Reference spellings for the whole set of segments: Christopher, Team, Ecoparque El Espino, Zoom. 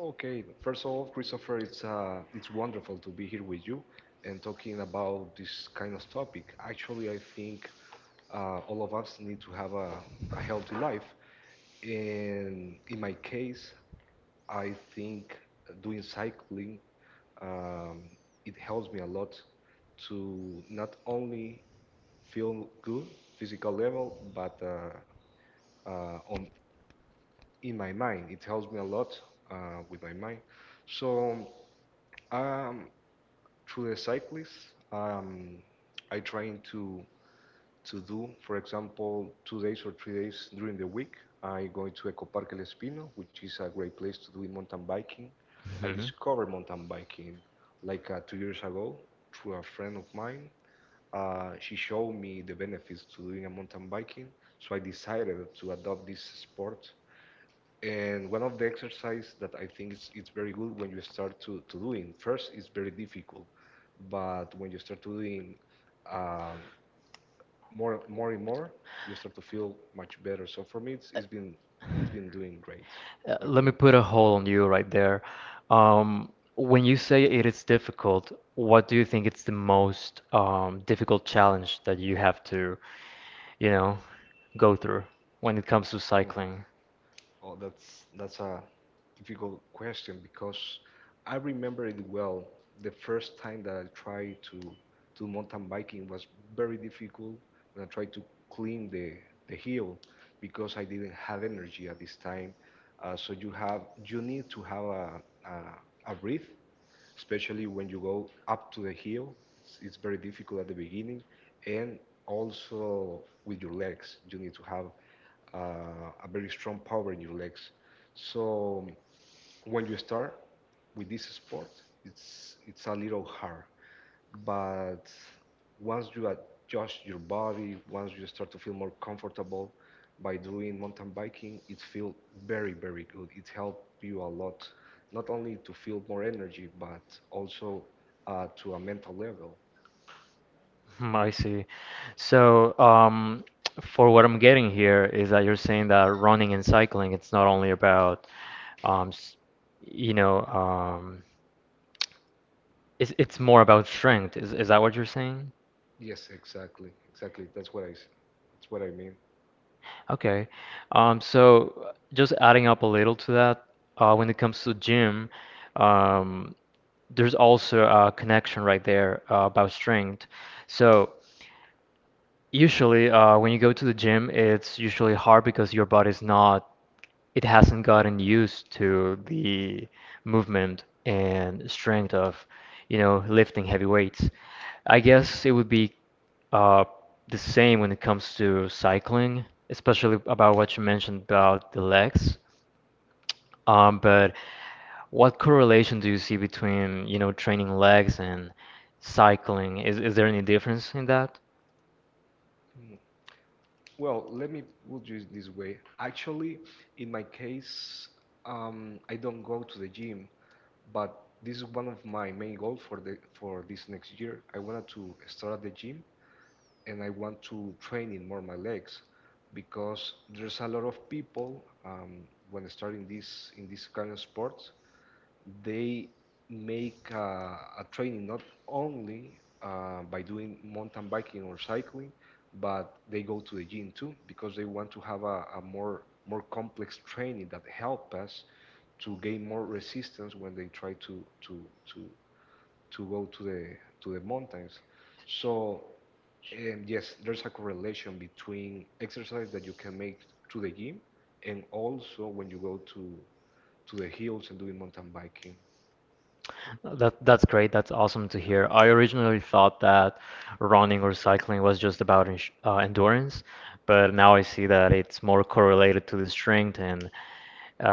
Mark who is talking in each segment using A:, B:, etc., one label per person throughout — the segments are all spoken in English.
A: Okay, first of all, Christopher, it's wonderful to be here with you and talking about this kind of topic. Actually, I think all of us need to have a healthy life. And in my case, I think doing cycling um, it helps me a lot to not only feel good physical level, but on in my mind, it helps me a lot with my mind. So. Um, Through the cyclists. I try to do, for example, 2 days or 3 days during the week. I go to Ecoparque El Espino, which is a great place to do in mountain biking. I discovered mountain biking like 2 years ago through a friend of mine. She showed me the benefits to doing a mountain biking, so I decided to adopt this sport, and one of the exercise that I think is it's very good when you start to doing first it's very difficult, but when you start to doing um, more and more, you start to feel much better. So for me, it's been doing great, I think. Yeah. Oh, that's a difficult question because I remember it well. The first time that I tried to do mountain biking was very difficult when I tried to climb the hill because I didn't have energy at this time. So you need to have a breath, especially when you go up to the hill. It's very difficult at the beginning, and also with your legs. You need to have a very strong power in your legs. So when you start with this sport, it's a little hard, but once you adjust your body, once you start to feel more comfortable by doing mountain biking, it feels very, very good. It helps you a lot, not only to feel more energy, but also to a mental level. Yes, exactly, exactly. That's what I mean. Well, let me put you this way. Actually, in my case, I don't go to the gym, but this is one of my main goals for this next year. I wanted to start at the gym, and I want to train in more my legs, because there's a lot of people when starting this kind of sports. They make a training not only by doing mountain biking or cycling, but they go to the gym too because they want to have a more complex training that help us to gain more resistance when they try to to go to the mountains. So yes, there's a correlation between exercise that you can make to the gym and also when you go to the hills and doing mountain biking. Uh,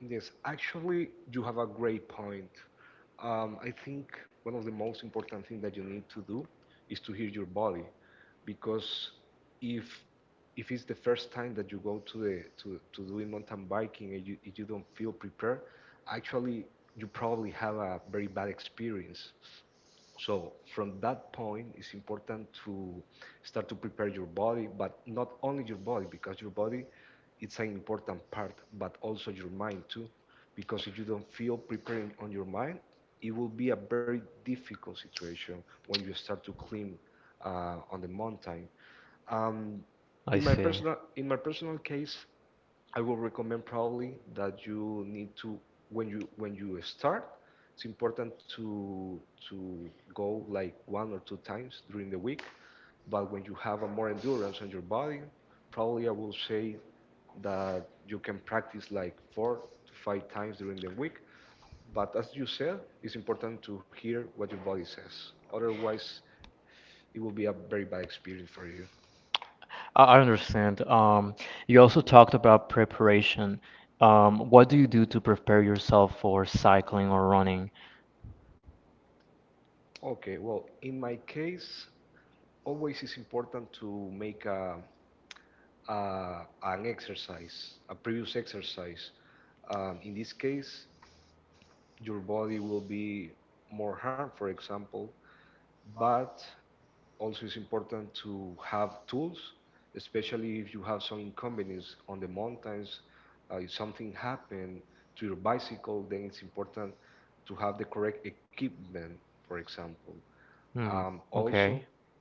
A: Yes, actually, you have a great point. I think one of the most important things that you need to do is to hear your body, because if if it's the first time that you go to doing mountain biking and if you don't feel prepared, actually you probably have a very bad experience. So from that point, it's important to start to prepare your body, but not only your body, because your body it's an important part, but also your mind too, because if you don't feel preparing on your mind, it will be a very difficult situation when you start to climb on the mountain. Um, in my personal case, I will recommend probably that you need to, when you start, it's important to go like 1 or 2 times during the week. But when you have a more endurance on your body, probably I will say that you can practice like 4 to 5 times during the week. But as you said, it's important to hear what your body says. Otherwise, it will be a very bad experience for you. Okay, well, in my case, always it's important to make an exercise, a previous exercise. In this case, your body will be more harmed, for example, but also it's important to have tools, especially if you have some inconvenience on the mountains. If something happened to your bicycle, then it's important to have the correct equipment, for example. Also,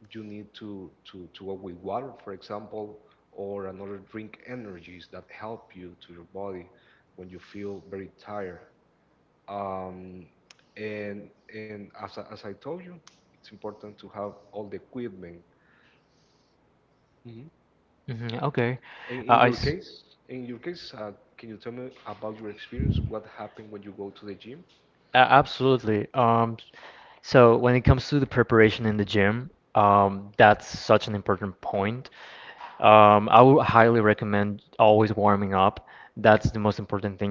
A: you need to go with water, for example, or another drink energies that help you to your body when you feel very tired. Um, and as I told you, it's important to have all the equipment. In your case, in your case, can you tell me about your experience? What happened when you go to the gym?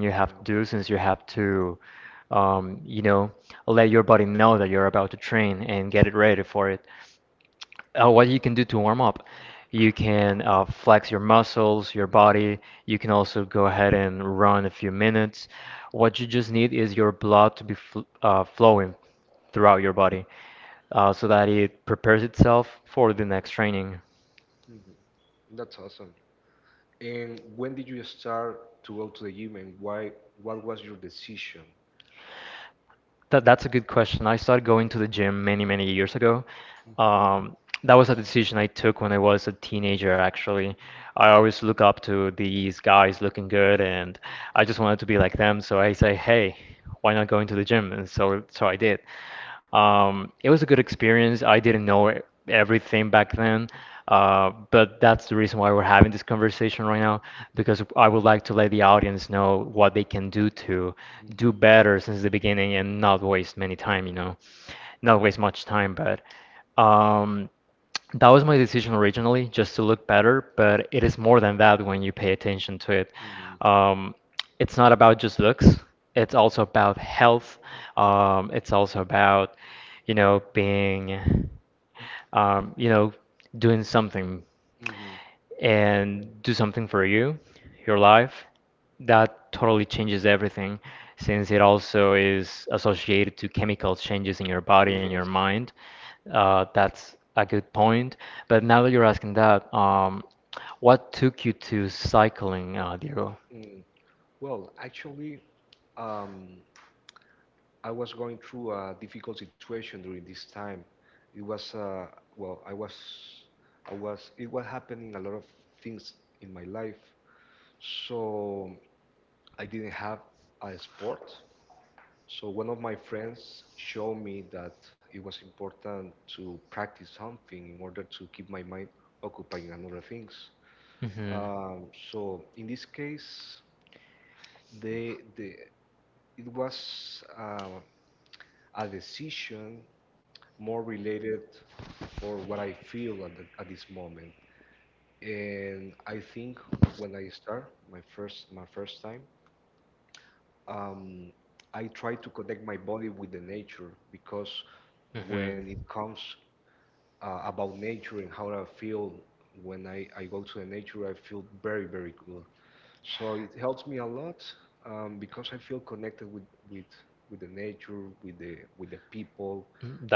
A: Or my health? Mhm. That's awesome. And when did you start to go to the gym, and why, what was your decision? Mhm. Mhm. Mhm. Mhm. and Yeah. Yes. Mm. Well, actually, um, I was going through a difficult situation during this time. It was well, I was, I was. It was happening a lot of things in my life, so I didn't have a sport. So one of my friends showed me that it was important to practice something in order to keep my mind occupied in other things. So in this case, they it was a decision more related for what I feel at this moment. And I think when I start my first time, um, I try to connect my body with the nature, because when it comes about nature and how I feel when I go to the nature. I feel very, very good. So it helps me a lot because I feel connected with, with the nature, with the people,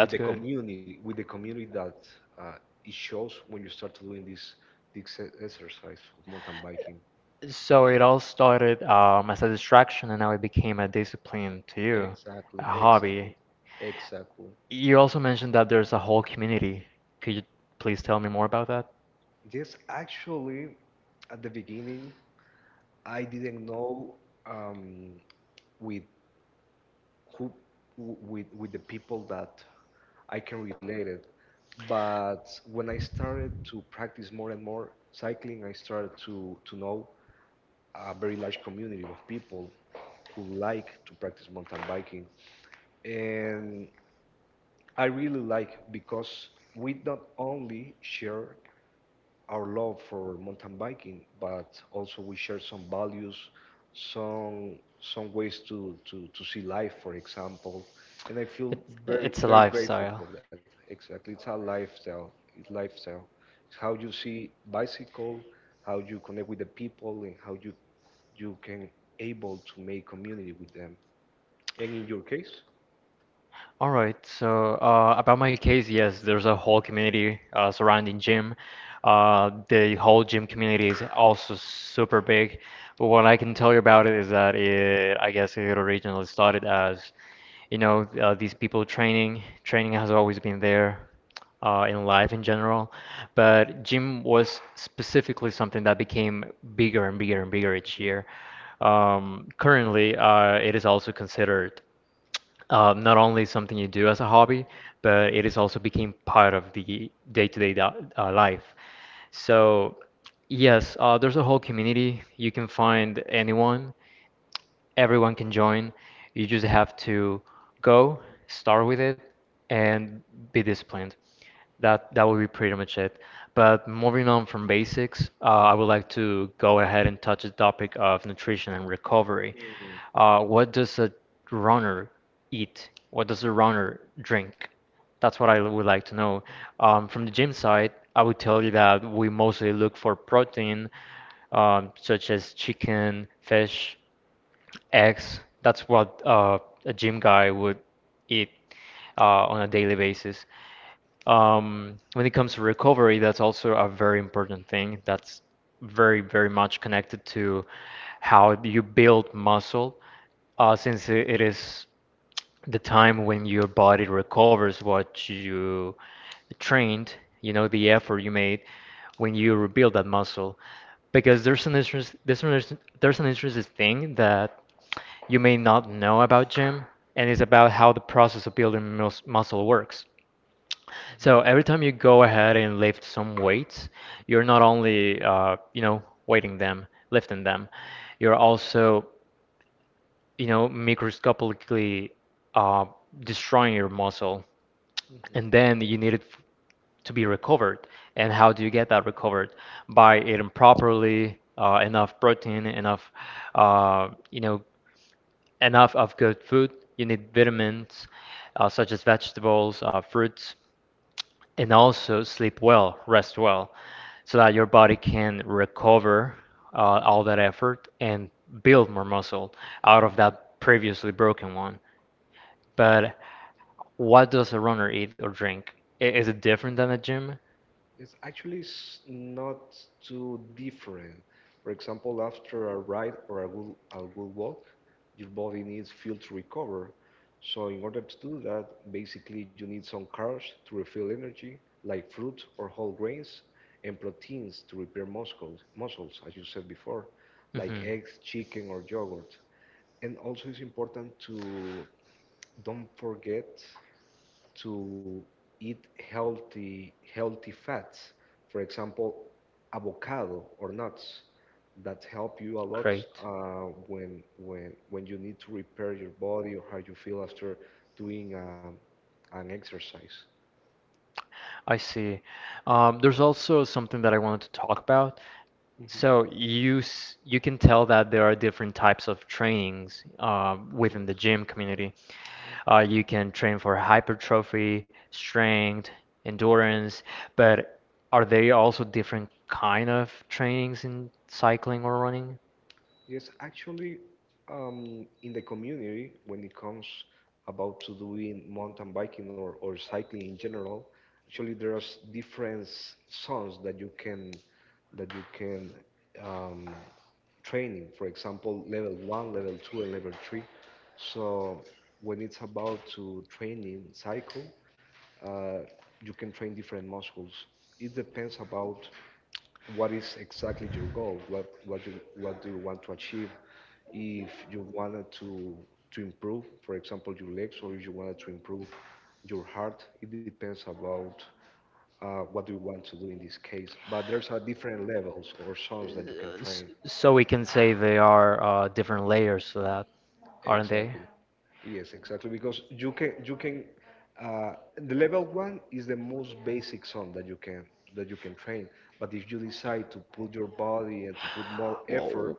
A: with the community that uh, it shows when you start doing this exercise of mountain biking. Exactly, exactly, exactly. Yes, actually, at the beginning, I didn't know, um, with who, with the people that I can relate it. But when I started to practice more and more cycling, I started to know a very large community of people who like to practice mountain biking, and I really like, because we not only share our love for mountain biking, but also we share some values, some some ways to see life, for example. And I feel very grateful for that. Exactly, it's our lifestyle. It's lifestyle. It's how you see bicycle, how you connect with the people, and how you can able to make community with them. And in your case? Mmhmm. Mhm, mhm. It's actually not too different. For example, after a ride or a good walk, your body needs fuel to recover. So, in order to do that, basically you need some carbs to refill energy, like fruit or whole grains, and proteins to repair muscles, as you said before, like eggs, chicken, or yogurt. And also, it's important to don't forget to eat healthy fats, for example avocado or nuts, that help you a lot when you need to repair your body, or how you feel after doing an exercise. Yes. Yes, actually, in the community, when it comes about to doing mountain biking, or cycling in general, actually there's different zones that you can that you can um, training. For example, level one, level two, and level three. So when it's about to training cycle, uh, you can train different muscles. It depends about what is exactly your goal, what do you want to achieve, if you wanted to improve for example your legs, or if you wanted to improve your heart. It depends about what do you want to do in this case, but there's a different levels or zones that you can train. Exactly. Yes, exactly, because you can uh, the level one is the most basic zone that you can train, but if you decide to put your body and to put more effort.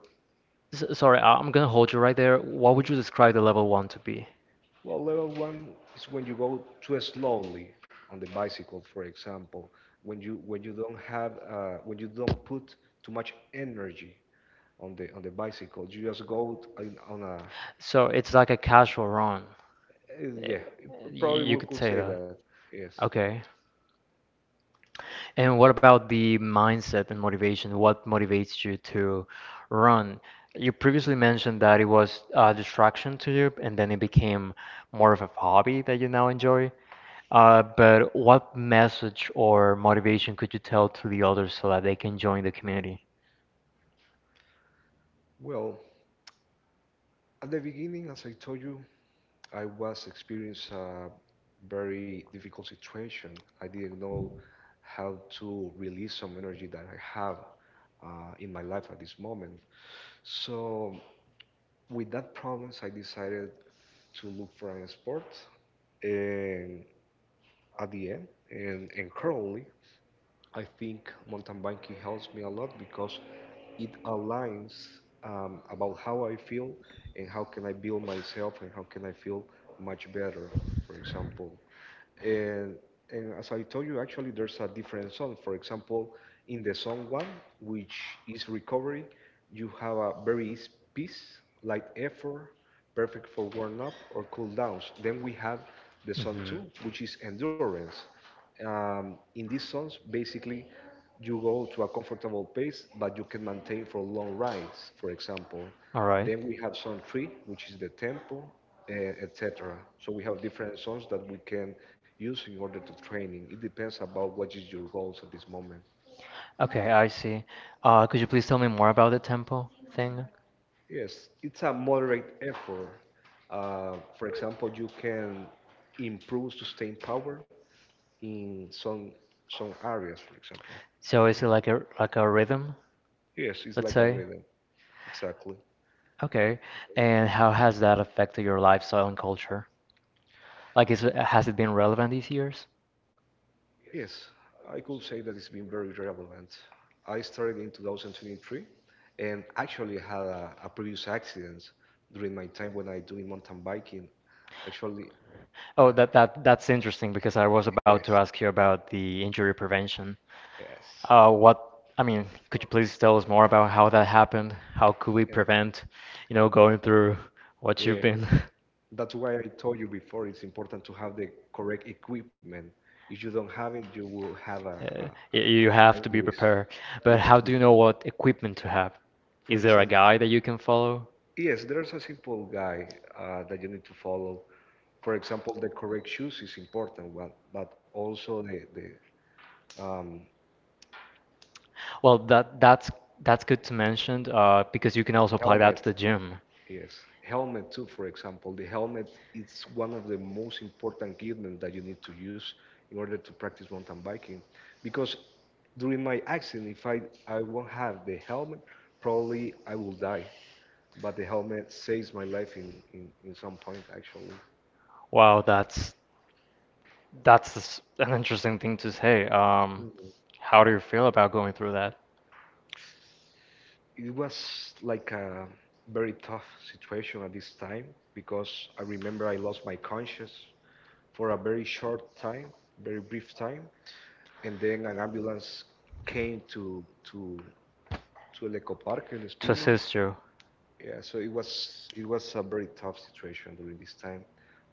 A: Well, level one is when you go too slowly on the bicycle, for example, when you don't have when you don't put too much energy on the bicycle. You just go in, on a yeah, probably we could say that. Yes. Mhm. Well, at the beginning, as I told you, I was experiencing a very difficult situation. I didn't know how to release some energy that I have in my life at this moment. So, with that problems, I decided to look for a sport, and at the end, and currently, I think mountain biking helps me a lot because it aligns about how I feel and how can I build myself and how can I feel much better, for example. And, and as I told you, actually, there's a different song. For example, in the song one, which is recovery, you have a very easy piece, light effort, perfect for warm up or cool downs. Then we have the song two, which is endurance. In these songs, basically, you go to a comfortable pace, but you can maintain for long rides, for example. Then we have song three, which is the tempo etc. So we have different zones that we can use in order to training. It depends about what is your goals at this moment. Yes, it's a moderate effort. For example, you can improve sustain power in some areas, for example. Mhm. Yes, it's like a rhythm. Exactly. Yes, I could say that it's been very relevant. I started in 2023 and actually had a previous accident during my time when I doing mountain biking. Actually, uh, yes, yes, yeah, yeah. That's why I told you before it's important to have the correct equipment. If you don't have it, you will have a injuries. You have to be, for example, yes, there's a simple guide that you need to follow. For example, the correct shoes is important, but also the um, helmet. Yes, helmet too, for example. The helmet is one of the most important equipment that you need to use in order to practice mountain biking. Because during my accident, if I, I won't have the helmet, probably I will die but the helmet saves my life in some point actually. Mhm. It was like a very tough situation at this time because I remember I lost my conscience for a very short time, very brief time, and then an ambulance came to to El Ecoparque El Espino. Yeah, so it was a very tough situation during this time,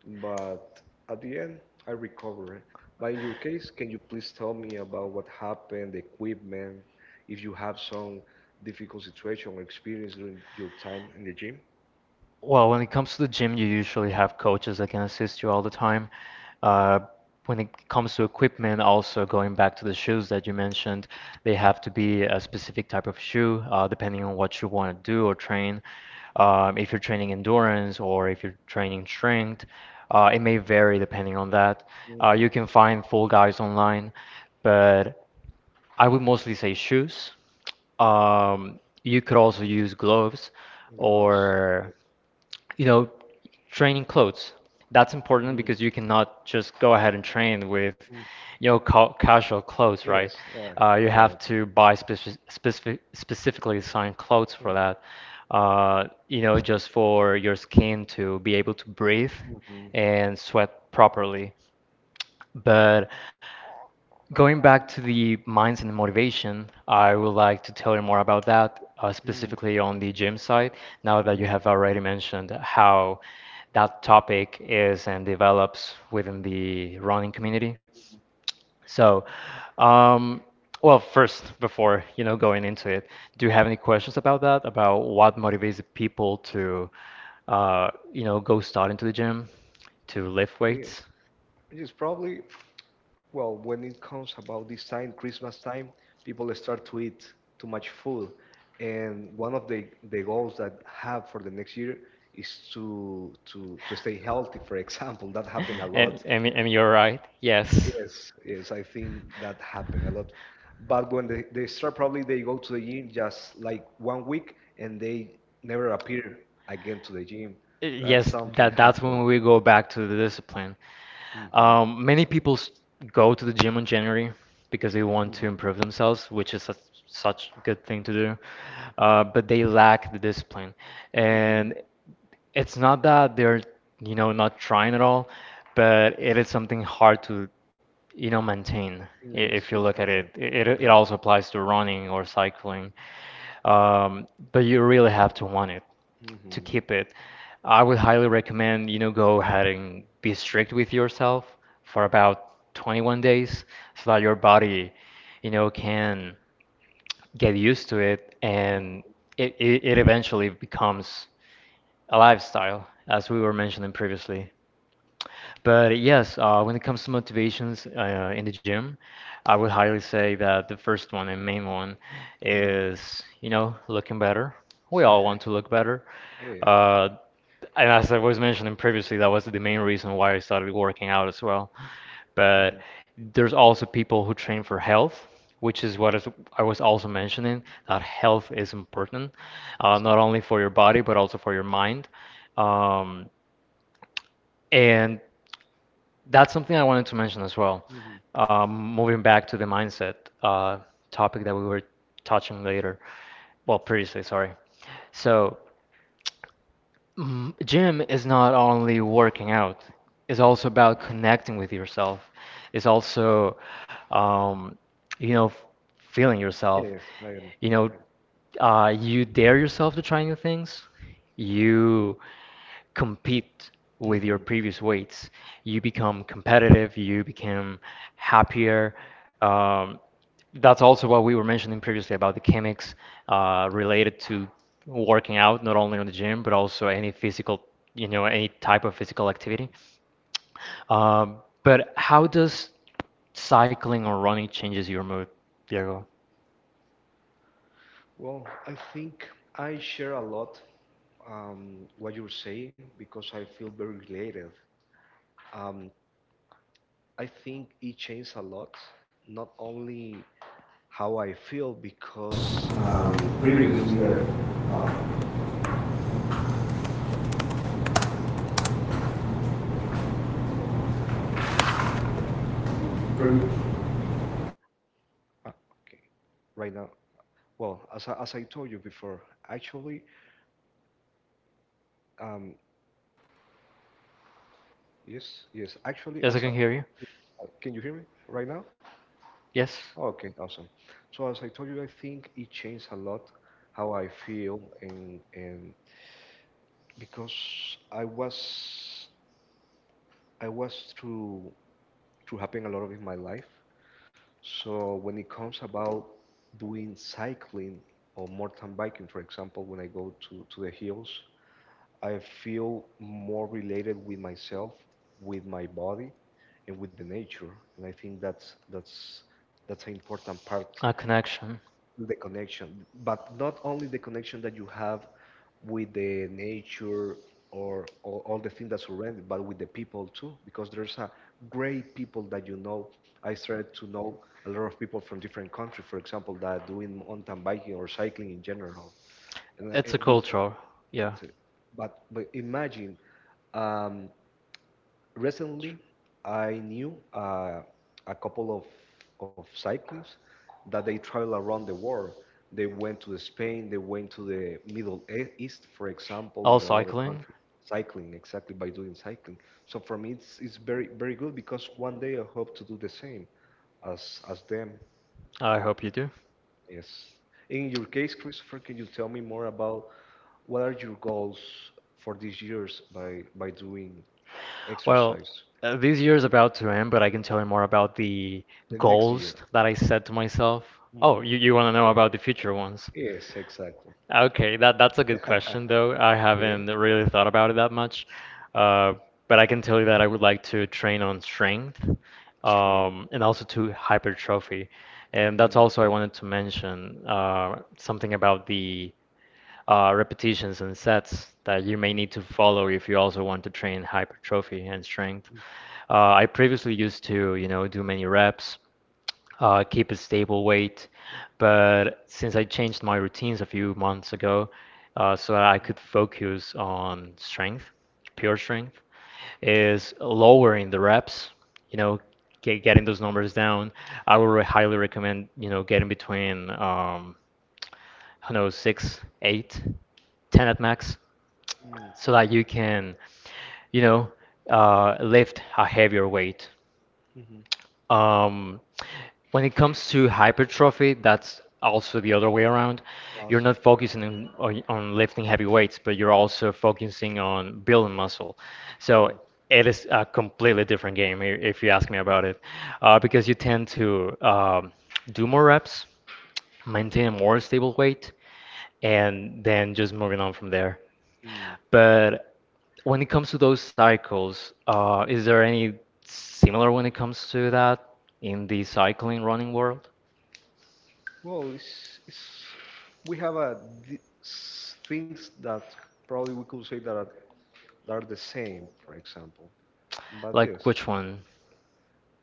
A: but at the end I recovered. But in your case, can you please tell me about what happened, the equipment, if you have some difficult situation or experience during your time in the gym? Mm-hmm. Gloves. Yes. Mhm. Mm. Yes. Right. Mhm. Mm. Mhm. Yes, yes, probably. Well, when it comes about this time, Christmas time, people start to eat too much food, and one of the goals that have for the next year is to stay healthy. For example, that happened a lot. Yes, yes, I think that happened a lot. But when they start, probably they go to the gym just like one week and they never appear again to the gym. That's something happened. Hmm. Hmm hmm. Yes, it happened. It happened. Hmm. Hmm. Yes. Hmm. Exactly. Hmm. Yes, I am. Hmm. Well, I think I share a lot what you're saying because I feel very related. Um, I think it changed a lot, not only how I feel because previously I've um, um, previ uh, okay, right now. Well, as I told you before, actually, um, yes, yes, actually,
B: Yes, I can hear you.
A: can you hear me right now?
B: Yes,
A: Okay, awesome. So as I told you, I think it changed a lot how I feel and because I was I was through having a lot of in my life. So when it comes about doing cycling or mountain biking, for example, when I go to the hills, I feel more related with myself, with my body, and with the nature. And I think that's that's an important part,
B: a connection.
A: the connection, but not only the connection that you have with the nature or all the things that surround it, but with the people too, because there's a great people that you know. I started to know a lot of people from different countries, for example, that are doing mountain biking or cycling in general, and
B: It's a culture. Yeah.
A: it's a, but imagine. Um, Recently, I knew a couple of cyclists that they travel around the world. They went to Spain, they went to the Middle E- East, for example,
B: All
A: in another
B: cycling.
A: country, cycling, exactly by doing cycling. So for me, it's very, very good because one day I hope to do the same as them.
B: I hope you do.
A: Yes. In your case, Christopher, can you tell me more about what are your goals for these years by doing
B: Well,
A: exercise
B: this year is about to end, but I can tell you more about the
A: the next
B: goals
A: year?
B: that I set to myself. Oh, you want to know about the future ones?
A: Yes, exactly.
B: Okay, that's a good question though. I
A: Okay.
B: haven't really thought about it that much. Uh, but I can tell you that I would like to train on strength,
A: Strength.
B: and also to hypertrophy. And that's
A: Mm,
B: also I
A: okay.
B: wanted to mention something about the repetitions and sets that you may need to follow if you also want to train hypertrophy and strength. I previously used to, you know, do many reps keep a stable weight. But since I changed my routines a few months ago, so that I could focus on strength, pure strength, is lowering the reps, you know, getting those numbers down. I would highly recommend, you know, getting between, I don't know, six, eight, ten at max,
A: Mm,
B: so that you can, you know, lift a heavier weight.
A: mhm.
B: Um, when it comes to hypertrophy, that's also the other way around. You're
A: Awesome.
B: not focusing on, on lifting heavy weights, but you're also focusing on building muscle. So
A: Mm,
B: it is a completely different game, if you ask me
A: yeah.
B: about it, because you tend to do more reps, maintain a more stable weight, and then just moving on from there.
A: Mm.
B: But when it comes to those cycles, is there any similar when it comes to that in the cycling running world?
A: Well, it's we have a things that probably we could say that are the same, for example. But
B: Like
A: this,
B: which one?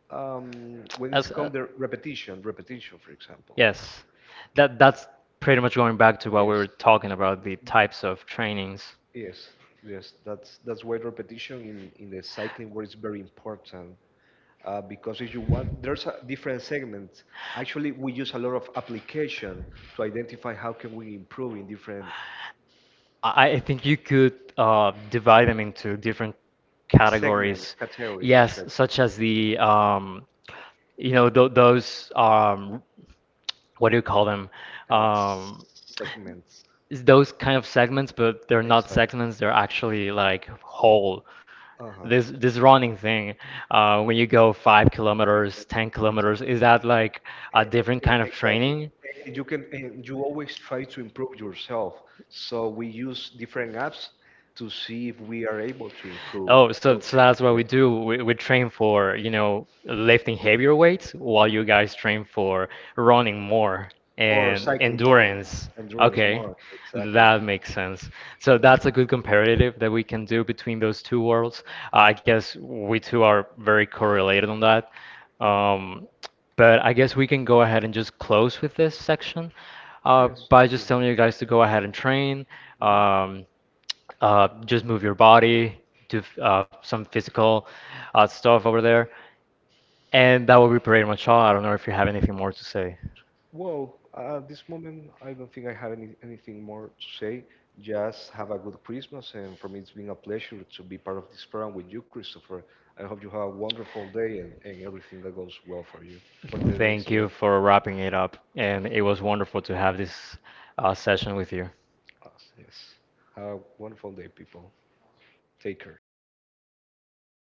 A: when it's
B: As
A: come the repetition, for example.
B: yes, that's pretty much going back to what we
A: Yes.
B: were talking about, the types of trainings.
A: Yes, yes, that's why repetition in the cycling world is very important because if you want, there's a different segments. Actually, we use a lot of application to identify how can we improve in different
B: I think you could divide them into different
A: segment
B: categories. Yes, such as the you know th those what do you call them?
A: uh, s-
B: Um,
A: segments.
B: it's those kind of segments, but they're not
A: Exactly.
B: segments. They're actually like whole.
A: Uh huh.
B: This running thing, when you go five
A: Exactly.
B: kilometers, 10 kilometers,
A: Exactly.
B: is that like a different kind of
A: Exactly.
B: training?
A: And you can and you always try to improve yourself. So we use different apps to see if we are able to improve
B: Oh, so
A: those
B: so that's what we
A: exercises
B: do. We train for, you know, lifting heavier weights while you guys train for running more
A: or
B: and
A: cycling more,
B: endurance.
A: endurance
B: Okay,
A: more. Exactly.
B: that makes sense. So that's a
A: Mhm.
B: good comparative that we can do between those two worlds. I guess we two are very correlated on that.
A: Mhm.
B: Um, but I guess we can go ahead and just close with this section
A: Yes.
B: by just telling
A: Mhm.
B: you guys to go ahead and train.
A: Mhm.
B: Um, just move your body, do some physical stuff over there. And that will be pretty much all. I don't know if you have anything more to say.
A: Well, at this moment, I don't think I have anything more to say. Just have a good Christmas, and for me, it's been a pleasure to be part of this program with you, Christopher. I hope you have a wonderful day and everything that goes well for you for the next
B: Thank you
A: year.
B: for wrapping it up. And it was wonderful to have this session with you.
A: Ah, yes. Have a wonderful day, people. Take care.